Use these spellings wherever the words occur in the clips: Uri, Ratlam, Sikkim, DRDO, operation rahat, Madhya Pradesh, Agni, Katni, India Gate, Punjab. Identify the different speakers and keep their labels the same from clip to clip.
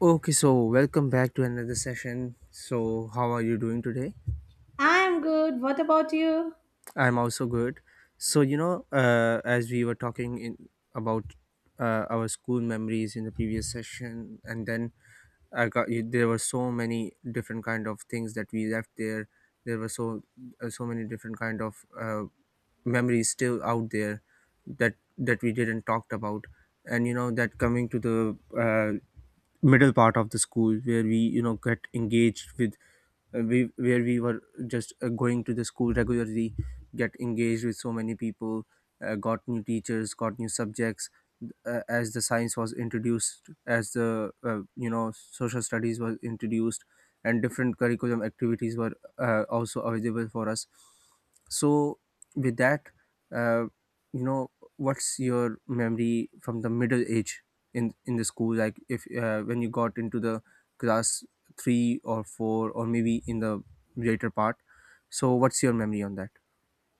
Speaker 1: Okay, so welcome back to another session. So, how are you doing today?
Speaker 2: I'm good. What about you?
Speaker 1: I'm also good. So, as we were talking in about our school memories in the previous session, and then I got you, there were so many different kind of things that we left there. There were so So many different kind of memories still out there that we didn't talked about. And you know, that coming to the uh, middle part of the school where we, you know, get engaged with, we where we were just going to the school regularly, get engaged with so many people, got new teachers, got new subjects, as the science was introduced, as the, you know, social studies was introduced, and different curriculum activities were also available for us. So with that, uh, you know what's your memory from the middle age in the school, like if when you got into the class 3 or 4, or maybe in the later part? So what's your memory on that?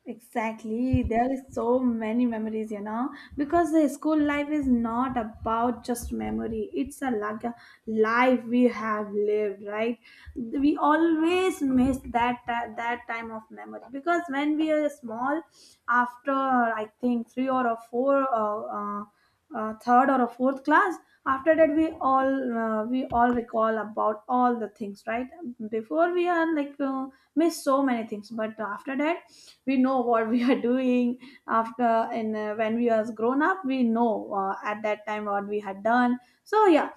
Speaker 2: Exactly. There is so many memories, you know, because the school life is not about just memory. It's a like a life we have lived, right? We always miss that time of memory because when we are small, after I think three or a four third or a fourth class. After that we all recall about all the things, right? Before we are like miss so many things, but after that we know what we are doing after, and when we was grown up we know at that time what we had done. So yeah,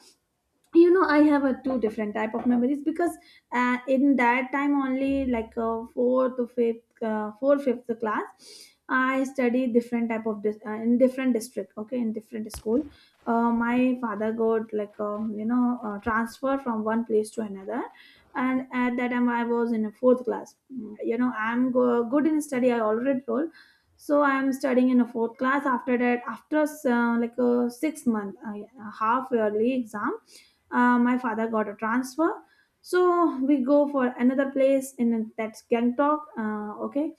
Speaker 2: I have a two different type of memories because in that time only, like fourth fifth class I studied different type of in different district, okay, in different school. Uh, my father got like transfer from one place to another, and at that time I was in a fourth class. I'm good in study, I already told. So I'm studying in a fourth class, after that, after like a 6 month half yearly exam, my father got a transfer. So we go for another place, in that's Gangtok, okay,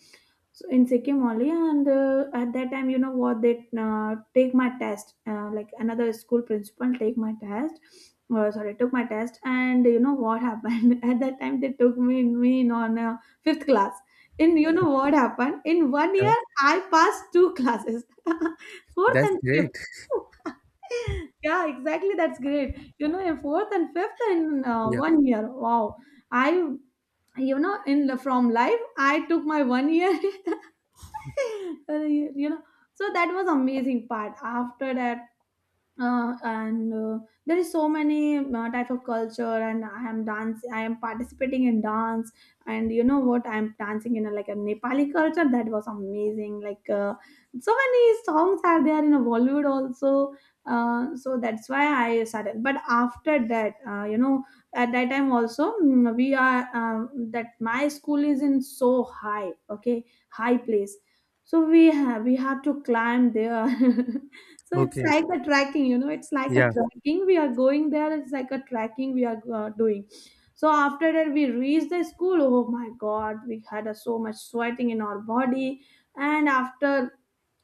Speaker 2: so in Sikkim only. And at that time, you know what? They take my test. Like another school principal take my test. Sorry, took my test, and you know what happened? At that time, they took me in on fifth class. In, you know what happened? In one
Speaker 1: Yeah,
Speaker 2: year, I passed two classes, fourth
Speaker 1: that's
Speaker 2: and
Speaker 1: great.
Speaker 2: fifth. Yeah, exactly, that's great. You know, in fourth and fifth in
Speaker 1: Yeah.
Speaker 2: one year. Wow, I you know in the- from life, I took my one year. you know so that was amazing part after that, and there is so many type of culture, and I am participating in dance. And you know what, I am dancing in like a Nepali culture. That was amazing. Like so many songs are there in a Bollywood also. Uh, so that's why I started. But after that at that time also, we are that my school is in so high, okay, high place. So we have to climb there. So it's
Speaker 1: Okay.
Speaker 2: like a tracking, it's like a
Speaker 1: Yeah.
Speaker 2: tracking, we are going there, it's like a tracking we are doing. So after that we reached the school. Oh my god, we had so much sweating in our body. And after,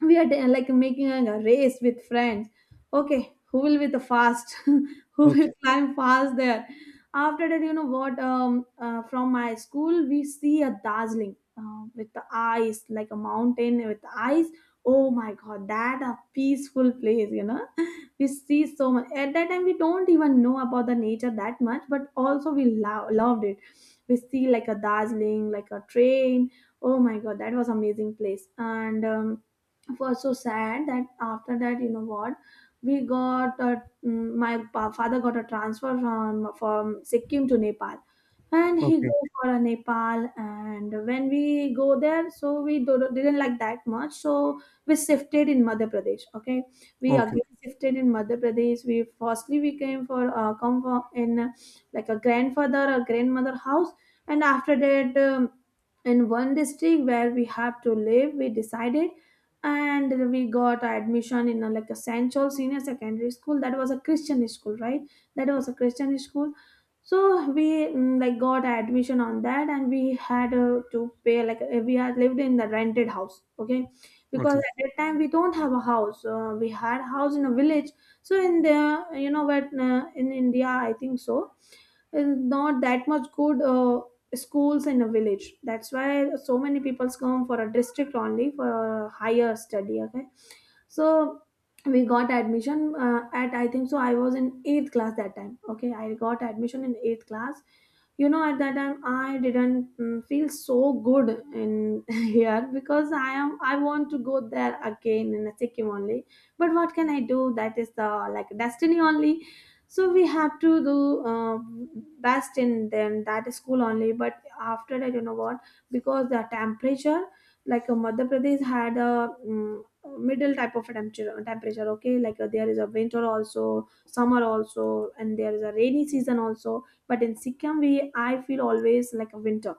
Speaker 2: we are like making a race with friends, okay, who will be the fast, who
Speaker 1: Okay.
Speaker 2: will climb fast there. After that, you know what, from my school we see a dazzling, with the ice, like a mountain with ice. Oh my god, that a peaceful place. We see so much. At that time we don't even know about the nature that much, but also we loved it. We see like a dazzling, like a train. Oh my god, that was amazing place. And it was so sad that after that, you know what, we got my father got a transfer from Sikkim to Nepal. And he
Speaker 1: Okay.
Speaker 2: go for a Nepal, and when we go there, so we didn't like that much. So we shifted in Madhya Pradesh, okay, we
Speaker 1: Okay.
Speaker 2: again shifted in Madhya Pradesh. We firstly we came for come for in like a grandfather or grandmother house. And after that in one district where we have to live we decided. And we got admission in like a central senior secondary school. That was a Christian school, right, that was a Christian school. So we like got admission on that, and we had to pay, like we had lived in the rented house, okay, because
Speaker 1: Okay.
Speaker 2: at that time we don't have a house. Uh, we had a house in a village. So in the, you know what, in India I think so is not that much good schools in a village, that's why so many people come for a district only for higher study, okay. So we got admission at, I think so, I was in eighth class that time, okay, I got admission in eighth class. At that time I didn't feel so good in here, because I want to go there again in Sikkim only. But what can I do, that is the like destiny only, so we have to do uh, best in then that school only. But after that, you know what, because the temperature, like Madhya Pradesh had a middle type of a temperature, okay, like there is a winter also, summer also, and there is a rainy season also. But in Sikkim, we I feel always like a winter,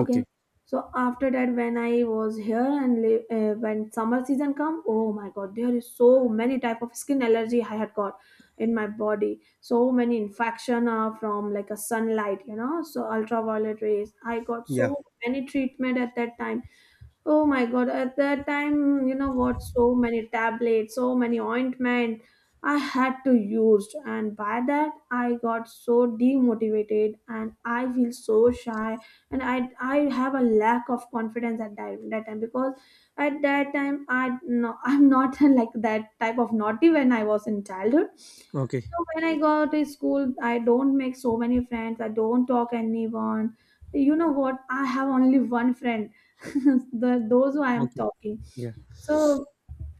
Speaker 2: okay. So after that when I was here and when summer season come, oh my god, there is so many type of skin allergy I had got in my body. So many infection are from like a sunlight, so ultraviolet rays I got so
Speaker 1: Yeah.
Speaker 2: many treatment at that time. Oh my God, at that time, you know what, so many tablets, so many ointment I had to use, and by that I got so demotivated and I feel so shy. And I have a lack of confidence at that time, because at that time I no, I'm not like that type of naughty when I was in childhood.
Speaker 1: Okay.
Speaker 2: So when I go to school, I don't make so many friends, I don't talk anyone. You know what? I have only one friend, the those who I am
Speaker 1: Okay.
Speaker 2: talking.
Speaker 1: Yeah.
Speaker 2: So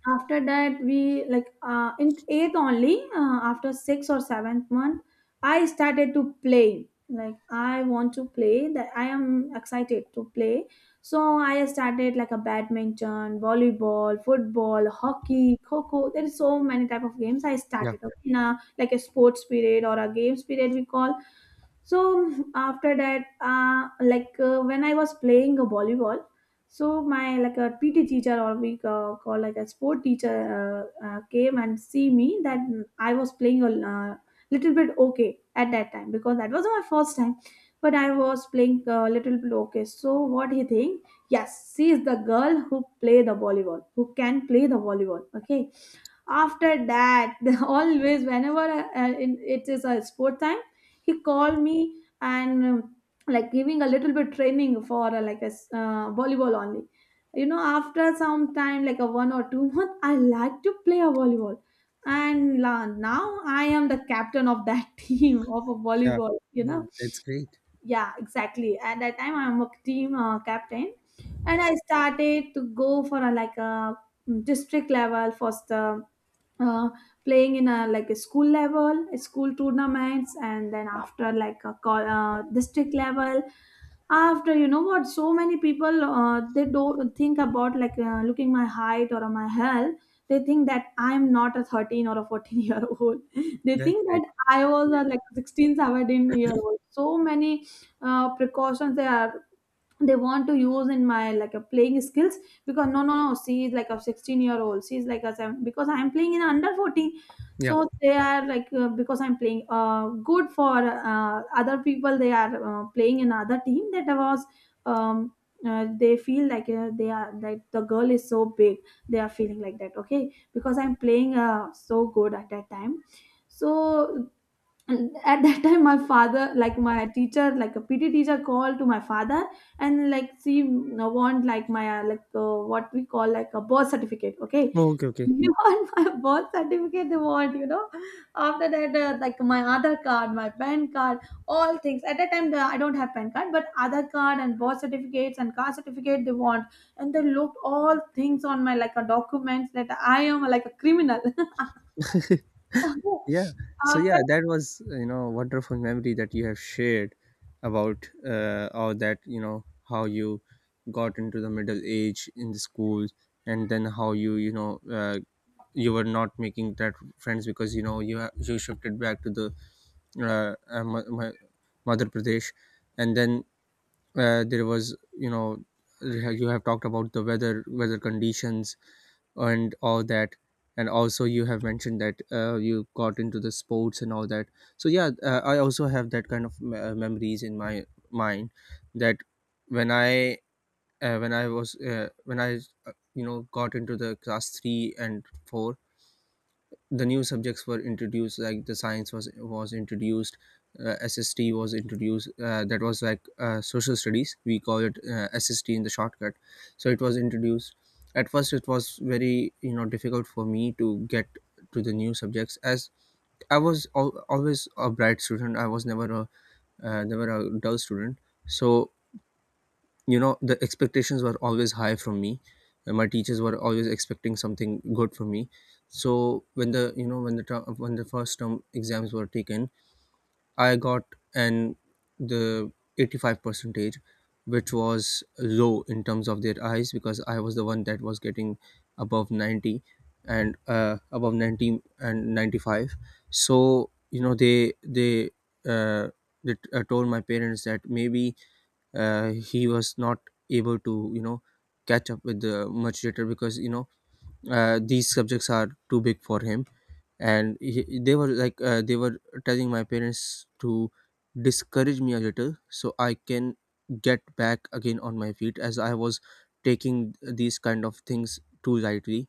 Speaker 2: after that, we like in eighth only, after sixth or seventh month, I started to play. Like I want to play, that I am excited to play. So I started like a badminton, volleyball, football, hockey, coco. There is so many type of games I
Speaker 1: Yeah.
Speaker 2: started, okay, in a like a sports period or a games period we call. So after that like when I was playing a volleyball, so my like a PT teacher, or we call like a sport teacher, came and see me that I was playing a little bit, okay, at that time because that was my first time. But I was playing a little bit, okay, so what he think, yes, she is the girl who play the volleyball, who can play the volleyball, okay. After that, always whenever it is a sport time, he called me, and like giving a little bit training for like a volleyball only. After some time, like a one or two month, I like to play a volleyball, and now I am the captain of that team of a
Speaker 1: Yeah.
Speaker 2: volleyball.
Speaker 1: Oh, that's great.
Speaker 2: Yeah, exactly, at that time I'm a team captain. And I started to go for like a district level first, uh, playing in a like a school level, school tournaments, and then after like a call, district level. After, you know what, so many people they don't think about, like looking my height or my health, they think that I'm not a 13 or a 14-year old. They
Speaker 1: That's
Speaker 2: think
Speaker 1: great.
Speaker 2: that I was
Speaker 1: Yeah.
Speaker 2: a like 16 17 year old. So many precautions they want to use in my like a playing skills, because no no no, she is like a 16-year old, she's like a seven, because I'm playing in under 14.
Speaker 1: Yeah.
Speaker 2: So they are like because I'm playing good for other people, they are playing in other team, that was um, they feel like they are like, the girl is so big, they are feeling like that, okay, because I'm playing so good at that time. So, and at that time my father, like my teacher, like a PT teacher, called to my father, and like she want, like my like what we call like a birth certificate, okay.
Speaker 1: Oh, okay. Okay.
Speaker 2: Mhm. You want my birth certificate, they want. After that like my other card, my pen card, all things, at that time I don't have pen card, but other card and birth certificates and car certificate they want. And they looked all things on my like a documents, that I am like a criminal.
Speaker 1: Yeah. So
Speaker 2: after
Speaker 1: yeah, that was, you know, wonderful memory that you have shared about, all that, you know, how you got into the middle age in the school, and then how you, you know, you were not making that friends because, you know, you shifted back to the uh, uh, Ma- Ma- Madhya Pradesh. And then there was, you know, you have talked about the weather conditions and all that. And also you have mentioned that you got into the sports and all that. So yeah, I also have that kind of memories in my mind, that when i when I was when I you know got into the class 3 and 4, the new subjects were introduced, like the science was introduced, SST was introduced, that was like, social studies we call it, SST in the shortcut. So it was introduced. At first it was very, you know, difficult for me to get to the new subjects, as I was always a bright student. I was never a, never a dull student. So, you know, the expectations were always high from me, and my teachers were always expecting something good from me. So when the, you know, when the when the first term exams were taken, I got an the 85 percentage, which was low in terms of their eyes, because I was the one that was getting above 90, and above 90 and 95. So you know, uh, they told my parents that maybe he was not able to, you know, catch up with the much later, because, you know, these subjects are too big for him. And they were like, they were telling my parents to discourage me a little, so I can get back again on my feet, as I was taking these kind of things too lightly,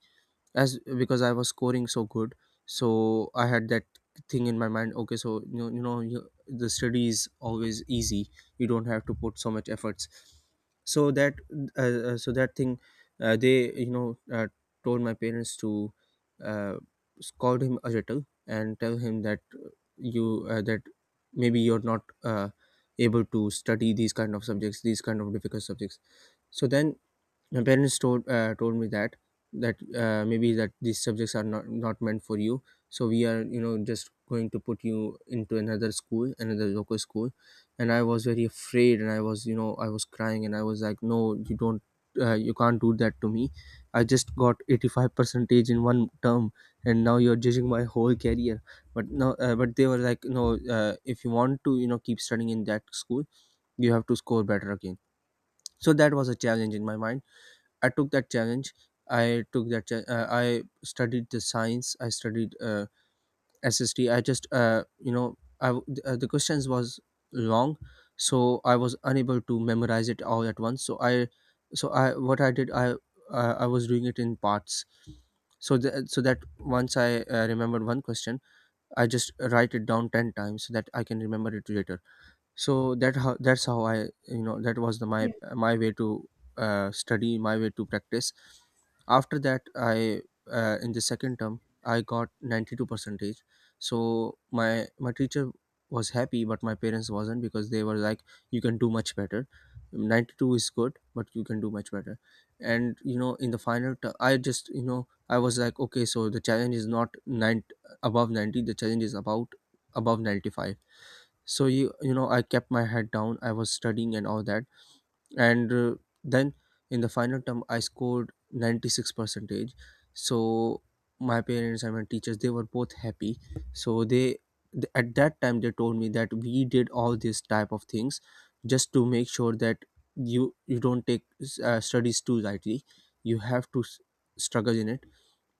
Speaker 1: as because I was scoring so good. So I had that thing in my mind. Okay, so you know, the study is always easy. You don't have to put so much efforts. So that, so that thing, they, you know, told my parents to uh, scold him a little and tell him that, you that maybe you're not able to study these kind of subjects, these kind of difficult subjects. So then my parents told me that that maybe that these subjects are not meant for you, so we are, you know, just going to put you into another school, another local school. And I was very afraid, and I was, you know, I was crying, and I was like, no, you don't, you can't do that to me. I just got 85 percentage in one term, and now you're judging my whole career. But no, but they were like, no, if you want to, you know, keep studying in that school, you have to score better again. So that was a challenge in my mind. I took that challenge. I took that. Cha- I studied the science. I studied, SST. I just, you know, the questions was long, so I was unable to memorize it all at once. So I, what I did, I was doing it in parts. So that once I remembered one question, I just write it down 10 times so that I can remember it later. So that how that's how I, you know, that was the my my way to study, my way to practice. After that I, in the second term I got 92 percentage. So my teacher was happy, but my parents wasn't, because they were like, you can do much better. 92 is good, but you can do much better. And you know, in the final I just, you know, I was like, okay, so the challenge is not nine above 90, the challenge is about above 95. So you know, I kept my head down, I was studying and all that. And then in the final term I scored 96 percentage. So my parents and my teachers, they were both happy. So they, at that time they told me that we did all these type of things just to make sure that you don't take, studies too lightly. You have to struggle in it,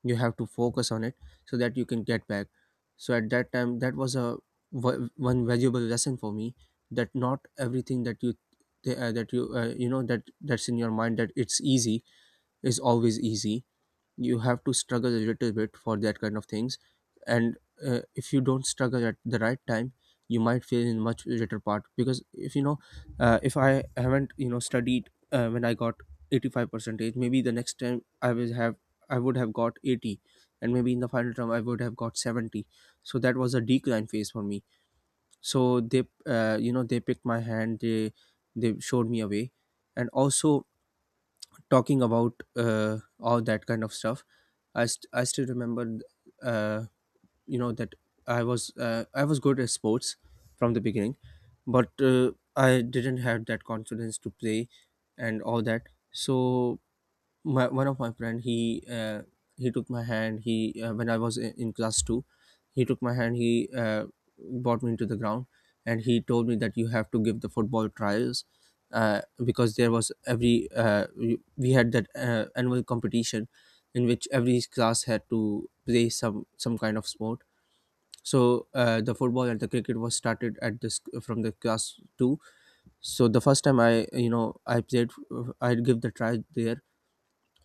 Speaker 1: you have to focus on it, so that you can get back. So at that time that was a, one valuable lesson for me, that not everything that you you know, that's in your mind that it's easy, is always easy. You have to struggle a little bit for that kind of things. And if you don't struggle at the right time, you might fail in much later part. Because if you know, if I haven't, you know, studied when I got 85 percentage, maybe the next time I will have, I would have got 80, and maybe in the final term I would have got 70. So that was a decline phase for me. So they, you know, they picked my hand, they showed me a way. And also, talking about, all that kind of stuff, I still remember, uh, you know, that I was, I was good at sports from the beginning, but I didn't have that confidence to play and all that. So my one of my friend, he took my hand, he when I was in class 2, he took my hand, he brought me into the ground, and he told me that you have to give the football trials, because there was every, we had that annual competition in which every class had to play some kind of sport. So the football and the cricket was started at this from the class 2. So the first time I, you know, I played, I give the try there.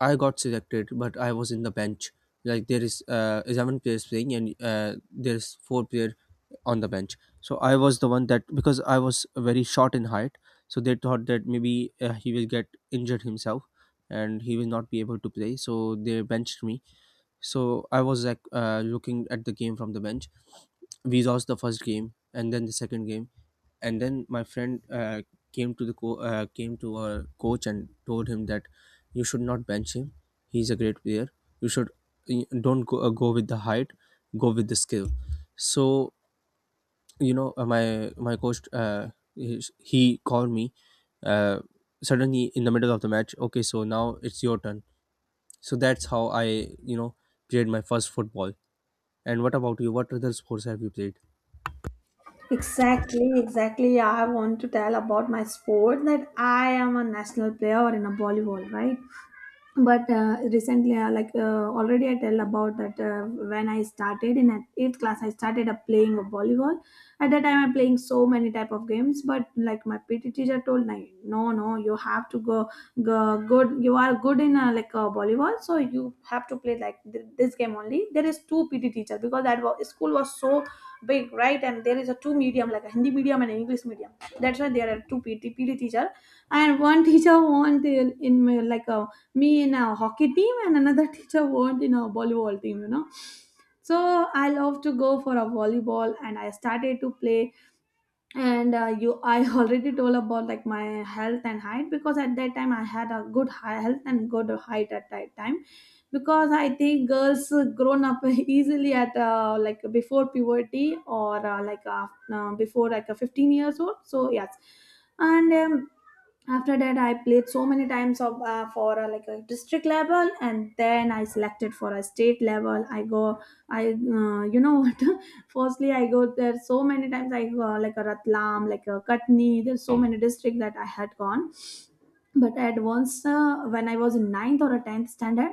Speaker 1: I got selected, but I was in the bench. Like there is, 11 players playing, and there's four player on the bench. So I was the one that, because I was very short in height, so they thought that maybe he will get injured himself, and he will not be able to play. So they benched me. So I was like, looking at the game from the bench. We lost the first game, and then the second game, and then my friend, came to our coach and told him that you should not bench him, he's a great player, you should, you don't go, go with the height, go with the skill. So, you know, my coach, he called me, uh, suddenly in the middle of the match. Okay, so now it's your turn. So that's how I, you know, played my first football. And what about you? What other sports have you played?
Speaker 2: Exactly, exactly, I want to tell about my sport, that I am a national player in a volleyball, right? But recently, like, already I tell about that. When I started in eighth class, I started up playing a volleyball. At that time, I'm playing so many type of games, but like my PT teacher told me, no no, you have to go good. You are good in like, volleyball, so you have to play like this game only. There is two PT teacher, because that school was so big, right? And there is a two medium, like a Hindi medium and an English medium. That's why there are two PT teacher. And one teacher want in my, like a me in our hockey team, and another teacher weren't in our volleyball team. So I love to go for a volleyball, and I started to play. And uh, you i already told about like my health and height, because at that time I had a good high health and good height at that time. Because I think girls grown up easily at like, before puberty, or before, like, 15 years old. So yes. And after that, I played so many times of for like a district level, and then I selected for a state level, I go. I you know what, firstly I go there so many times. I go like a Ratlam, like a Katni. There's so many districts that I had gone. But at once, when I was in ninth or a 10th standard,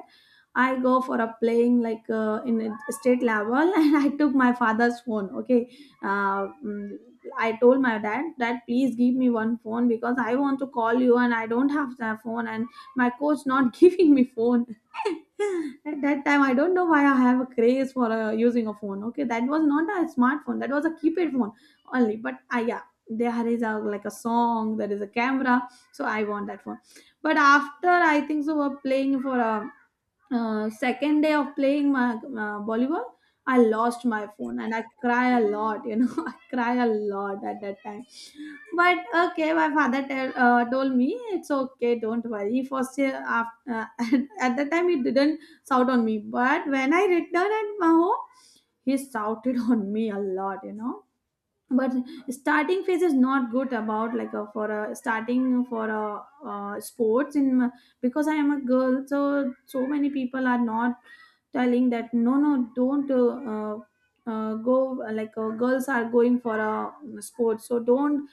Speaker 2: I go for a playing like in a state level, and I took my father's phone. Okay. uh, mm, I told my dad, Dad, please give me one phone, because I want to call you, and I don't have the phone, and my coach not giving me phone. At that time, I don't know why I have a craze for using a phone. Okay, that was not a smartphone; that was a keypad phone only. But yeah, there is a like a song, there is a camera, so I want that phone. But after, I think so, we're playing for a second day of playing my volleyball, I lost my phone, and I cry a lot, you know. I cry a lot at that time. But okay, my father told me, it's okay, don't worry, first year after, at that time he didn't shout on me. But when I returned at my home, he shouted on me a lot, you know. But starting phase is not good about like a, for a starting for a sports in because I am a girl. So so many people are not telling that, no no, don't go, like, girls are going for a sport, so don't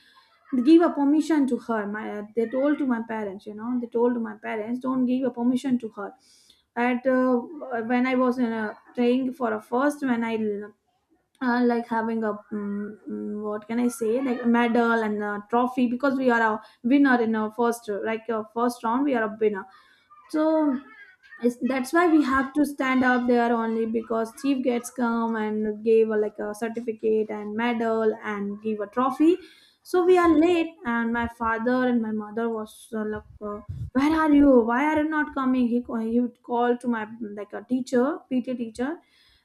Speaker 2: give a permission to her. My they told to my parents, you know, they told to my parents, don't give a permission to her at when I was in a, playing for a first, when I like having a what can I say, like a medal and a trophy, because we are a winner. In our first, like our first round, we are a winner. So it's, that's why we have to stand up there only, because chief gets come and gave a, like a certificate and medal, and give a trophy. So we are late, and my father and my mother was like, uh, Where are you? Why are you not coming? He would call to my like a teacher, PT teacher,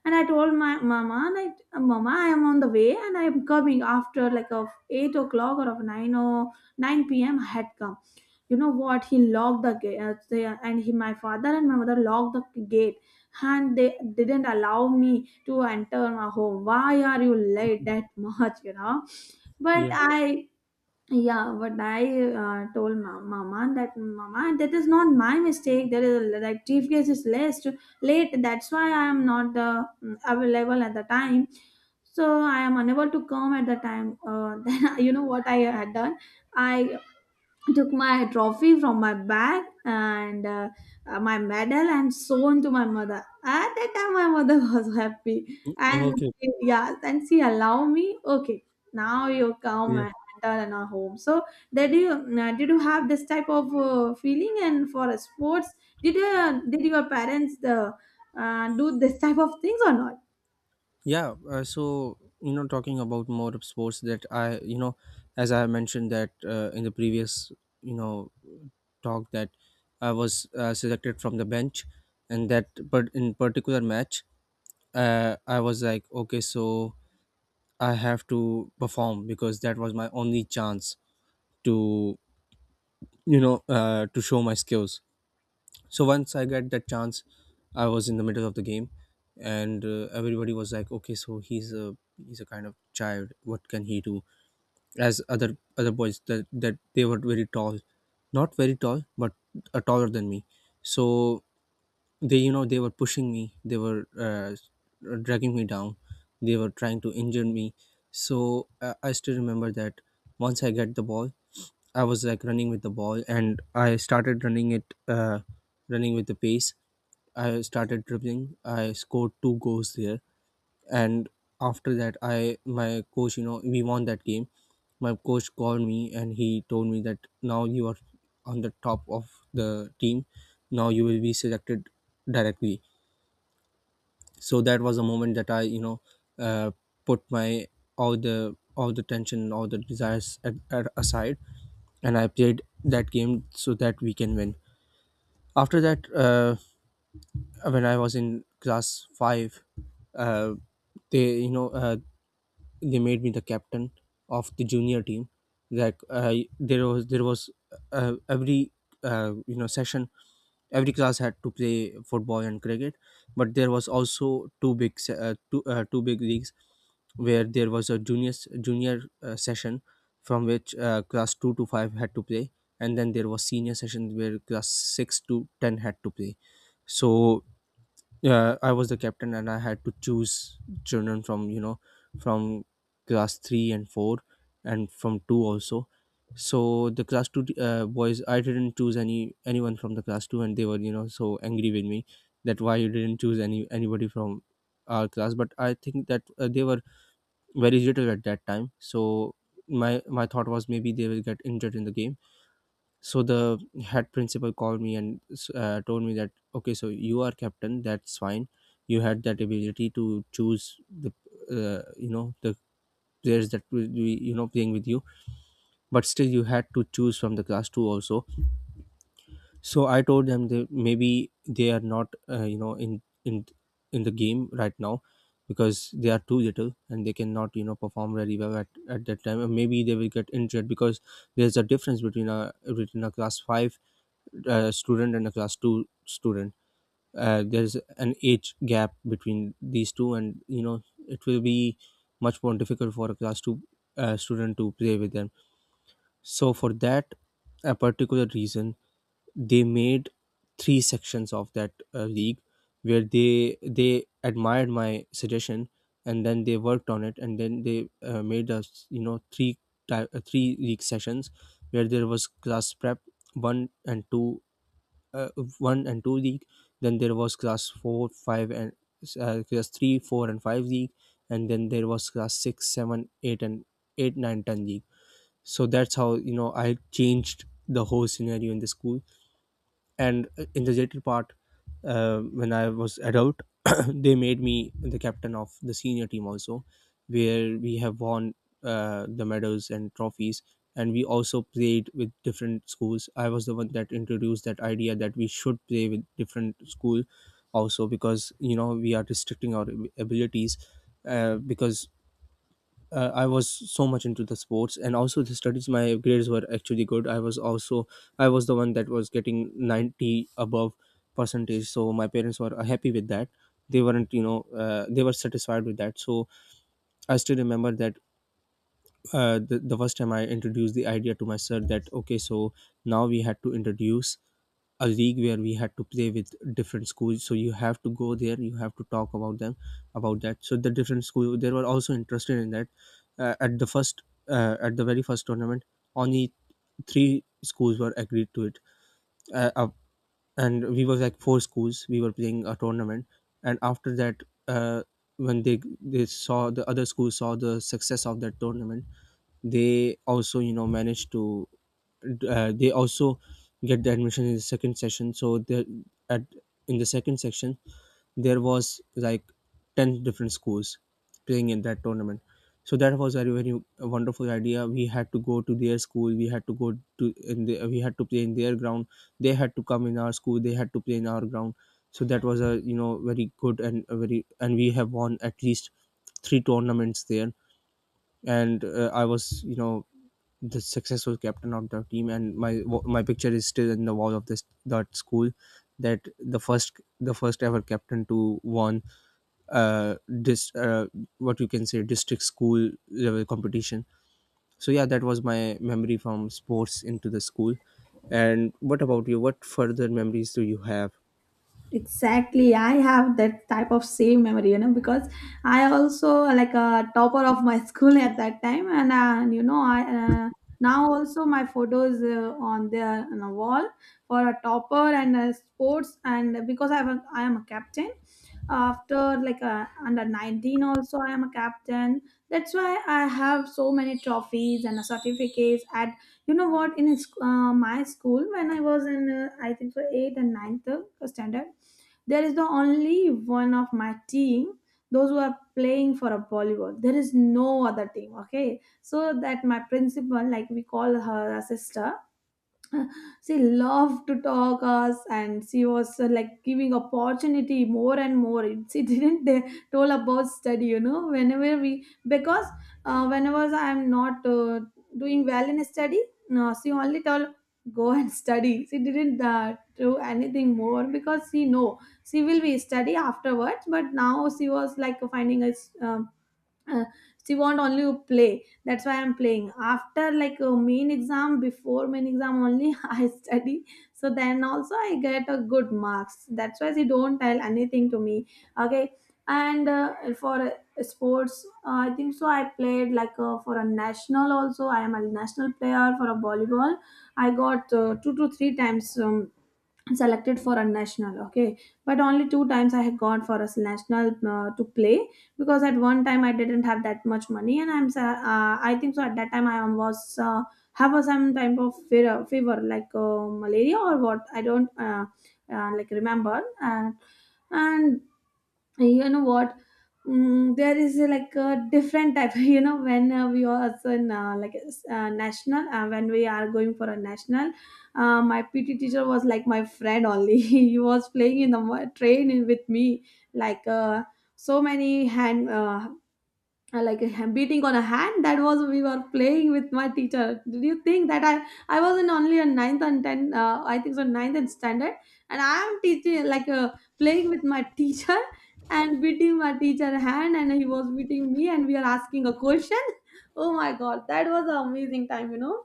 Speaker 2: and I told my mama like, Mama, I am on the way, and I am coming after like of 8 o'clock or of nine or 9 p.m. had come. You know what, he locked the gate, and he, my father and my mother locked the gate. And they didn't allow me to enter my home. Why are you late that much, you know? But
Speaker 1: Yeah.
Speaker 2: I, yeah, but I told my mama that, mama, that is not my mistake, there is a, that briefcase is late, late, that's why I am not available at the time. So I am unable to come at the time. Then you know what I had done, I took my trophy from my bag, and my medal, and shown to my mother. At that time, my mother was happy, and,
Speaker 1: Okay.
Speaker 2: yeah, and she allowed me, okay, now you come,
Speaker 1: Yeah.
Speaker 2: and enter in our home. So did you have this type of feeling and for sports, did your parents do this type of things or not?
Speaker 1: Yeah, so talking about more of sports that I as I mentioned that in the previous, you know, talk that I was selected from the bench, and that but in particular match, I was like, okay, so I have to perform because that was my only chance to, to show my skills. So once I got that chance, I was in the middle of the game. And everybody was like, okay, so he's a kind of child, what can he do? As other boys, that they were very tall, not very tall, but taller than me. So they you know they were pushing me, they were uh, dragging me down, they were trying to injure me. So I still remember that once I get the ball, I was like running with the ball, and I started running it, running with the pace. I started dribbling. I scored two goals there, and after that, I my coach, you know, we won that game. My coach called me, and he told me that now you are on the top of the team. Now you will be selected directly. So that was a moment that I uh, put my all the tension, all the desires at aside, and I played that game so that we can win. After that, when I was in class 5, uh, they you know they made me the captain of the junior team. Like I there was every session, every class had to play football and cricket. But there was also two big leagues, where there was a junior session from which class 2 to 5 had to play. And then there was senior session where class 6 to 10 had to play. So yeah, I was the captain, and I had to choose children from you know from class 3 and 4, and from 2 also. So the class 2 boys, I didn't choose anyone from the class 2, and they were so angry with me, that why you didn't choose anybody from our class. But I think that they were very little at that time, so my my thought was, maybe they will get injured in the game. So the head principal called me and told me that, okay, so you are captain, that's fine, you had that ability to choose the the players that will be playing with you, but still you had to choose from the class 2 also. So I told them that maybe they are not in the game right now, because they are too little, and they cannot perform very well at that time, and maybe they will get injured, because there's a difference between a class 5 student and a class 2 student. There's an age gap between these two, and it will be much more difficult for a class 2 student to play with them. So for that a particular reason, they made three sections of that league, where they admired my suggestion, and then they worked on it, and then they made us three league sessions, where there was class prep 1 and 2, uh, one and two league. Then there was class four five and class 3 4 and five league. And then there was class six seven eight and 8 9 10 league. So that's how I changed the whole scenario in the school. And in the later part, when I was adult, they made me the captain of the senior team also, where we have won the medals and trophies. And we also played with different schools. I was the one that introduced that idea that we should play with different school also, because we are restricting our abilities, because I was so much into the sports and also the studies. My grades were actually good. I was the one that was getting 90 above percentage. So my parents were happy with that. They weren't, you know, they were satisfied with that. So I still remember that, the first time I introduced the idea to my sir that, okay, so now we had to introduce a league where we had to play with different schools. So you have to go there, you have to talk about them, about that. So the different school, they were also interested in that. Uh, at the first uh, at the very first tournament only, three schools were agreed to it, uh, uh, and we was like four schools, we were playing a tournament. And after that, when the other schools saw the success of that tournament, they also manage to, they also get the admission in the second session. So there, at, in the second section, there was like 10 different schools playing in that tournament. So that was very, very wonderful idea. We had to go to their school, we had to go to, we had to play in their ground. They had to come in our school, they had to play in our ground. So that was a, very good, and a very and we have won at least three tournaments there. And I was, the successful captain of the team. And my picture is still in the wall of this that school, that the first ever captain to won this what you can say district school level competition. So yeah, that was my memory from sports into the school. And what about you, what further memories do you have?
Speaker 2: Exactly, I have that type of same memory, you know, because I also like a topper of my school at that time, and you know, I now also my photos on the on a wall for a topper and sports. And because I am a captain, after like under 19 also I am a captain. That's why I have so many trophies and certificates at, you know what, in my school when I was in I think for eighth and ninth standard, there is the only one of my team, those who are playing for a volleyball. There is no other team. Okay. So that my principal, like we call her a sister, she loved to talk us, and she was like giving opportunity more and more. She didn't told about study, you know. Whenever we, because whenever I'm not doing well in study, no, she only told, go and study. She didn't do anything more, because she know she will be study afterwards. But now she was like finding a uh, she want only to play. That's why I'm playing after like a main exam. Before main exam only I study, so then also I get a good marks. That's why she don't tell anything to me, okay. And for sports, I think so I played like for a national. Also I am a national player for a volleyball. I got two to three times selected for a national, okay. But only two times I had gone for a national to play, because at one time I didn't have that much money, and I'm I think so at that time I was have a some type of fever, fever like malaria or what, I don't like remember. And, you know what, there is like a different type, you know, when we are also in like national, when we are going for a national, my PT teacher was like my friend only. He was playing in the train with me, like so many hand like a beating on a hand, that was, we were playing with my teacher. Did you think that I was in only a ninth and 10, I think so ninth and standard, and I am teaching like playing with my teacher, and beating my teacher hand, and he was beating me, and we are asking a question. Oh my god, that was an amazing time, you know.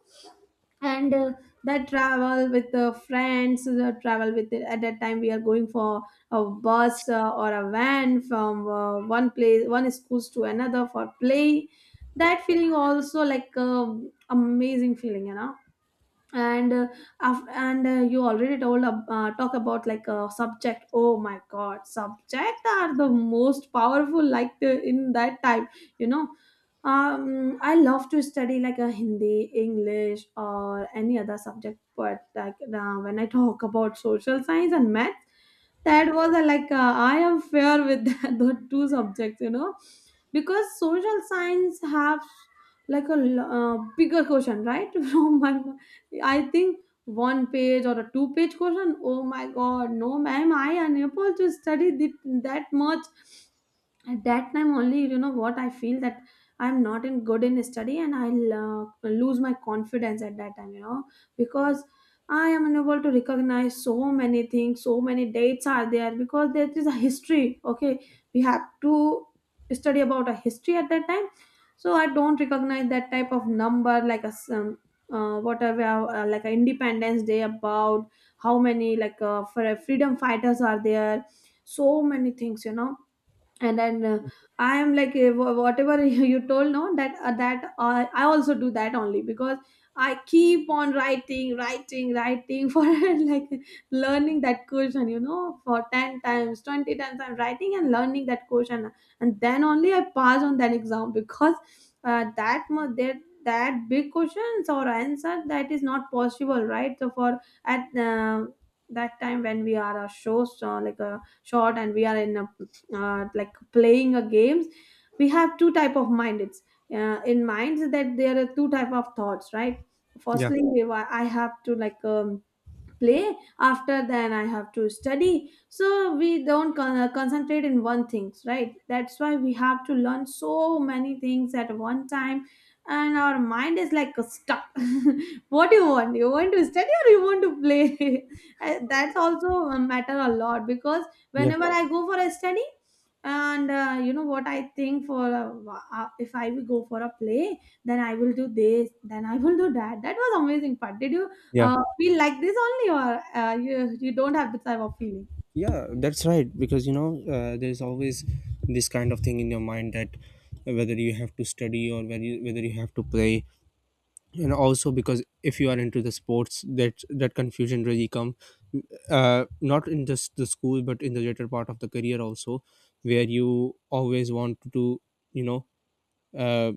Speaker 2: And that travel with the friends, the travel with at that time we are going for a bus or a van, from one place, one schools to another, for play, that feeling also, like amazing feeling, you know. And and you already told talk about like a subject. Oh my god, subject are the most powerful, like the, in that time, you know. I love to study like a Hindi, English, or any other subject, but like when I talk about social science and math, that was a, like I am fair with that, the two subjects, you know. Because social science have like a bigger question, right? From my, I think, one page or a two-page question. Oh my god, no ma'am, I unable to study the, that much at that time only. You know what, I feel that I'm not in good in study, and I'll lose my confidence at that time, you know. Because I am unable to recognize so many things. So many dates are there, because there is a history, okay, we have to study about a history at that time. So I don't recognize that type of number, like a some whatever like a independence day, about how many like for freedom fighters are there, so many things, you know. And then I am like, wha- whatever you told, no, that I also do that only. Because I keep on writing, writing, writing, for, like, learning that question, you know. For 10 times, 20 times I'm writing and learning that question, and then only I pass on that exam. Because that that that big questions or answer, that is not possible, right? So for at that time, when we are a show so like a short and we are in a like playing a games, we have two type of mind. It's in minds that there are two type of thoughts, right?
Speaker 1: Yeah,
Speaker 2: Firstly, we I have to, like, play, after then I have to study. So we don't concentrate in one things, right? That's why we have to learn so many things at one time, and our mind is like stuck. What do you want, you want to study or you want to play? That's also a matter a lot. Because
Speaker 1: yeah,
Speaker 2: whenever I go for a study, and you know what I think for a, if I will go for a play, then I will do this, then I will do that. That was amazing part. Did you
Speaker 1: yeah.
Speaker 2: feel like this only, or you don't have this type of feeling?
Speaker 1: Yeah, that's right, because there's always this kind of thing in your mind that, whether you have to study, or whether you have to play. And also, because if you are into the sports, that confusion really come, not in just the school, but in the later part of the career also, where you always want to, you know uh,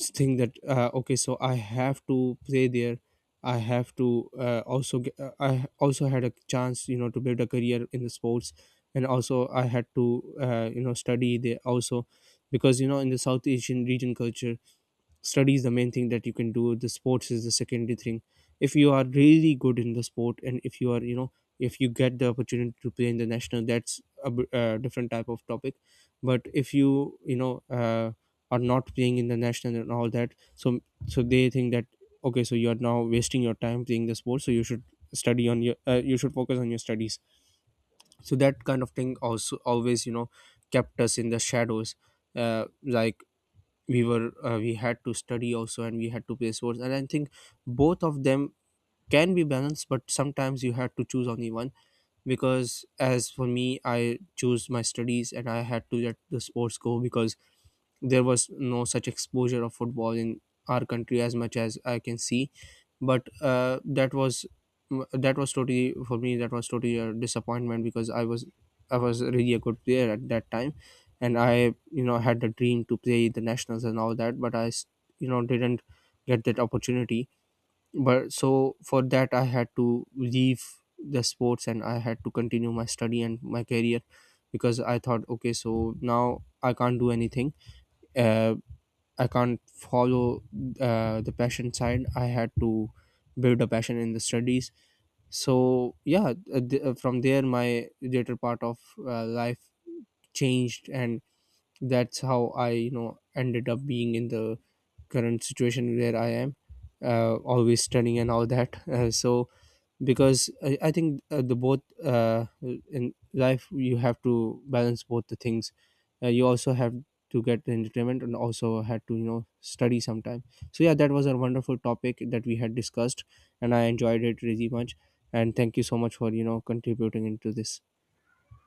Speaker 1: think that, okay, so I have to play there, I have to also get, I also had a chance, to build a career in the sports, and also I had to study there also, because in the South Asian region culture, study is the main thing that you can do. The sports is the secondary thing. If you are really good in the sport, and if you get the opportunity to play in the national, that's a different type of topic. But if you you know are not playing in the national and all that, so they think that, okay, so you are now wasting your time playing the sport, so you should focus on your studies. So that kind of thing also always, kept us in the shadows, like we had to study also, and we had to play sports. And I think both of them can be balanced, but sometimes you had to choose only one. Because as for me, I choose my studies, and I had to let the sports go, because there was no such exposure of football in our country, as much as I can see. But that was totally for me. That was totally a disappointment, because I was really a good player at that time, and I had the dream to play the nationals and all that. But I s- you know didn't get that opportunity. But so for that I had to leave the sports, and I had to continue my study and my career, because I thought, okay, so now I can't do anything. Uh, I can't follow the passion side. I had to build a passion in the studies. So yeah, from there my later part of life changed, and that's how I ended up being in the current situation where I am, always studying and all that. So because I think the both in life you have to balance both the things. You also have to get the entertainment, and also had to study sometime. So yeah, that was a wonderful topic that we had discussed, and I enjoyed it really much. And thank you so much for contributing into this.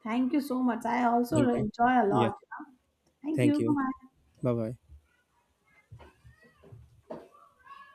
Speaker 2: Thank you so much. I also
Speaker 1: Thank you.
Speaker 2: enjoy a
Speaker 1: Yeah.
Speaker 2: lot. Thank
Speaker 1: Thank
Speaker 2: you.
Speaker 1: you.
Speaker 2: Bye.
Speaker 1: Bye bye.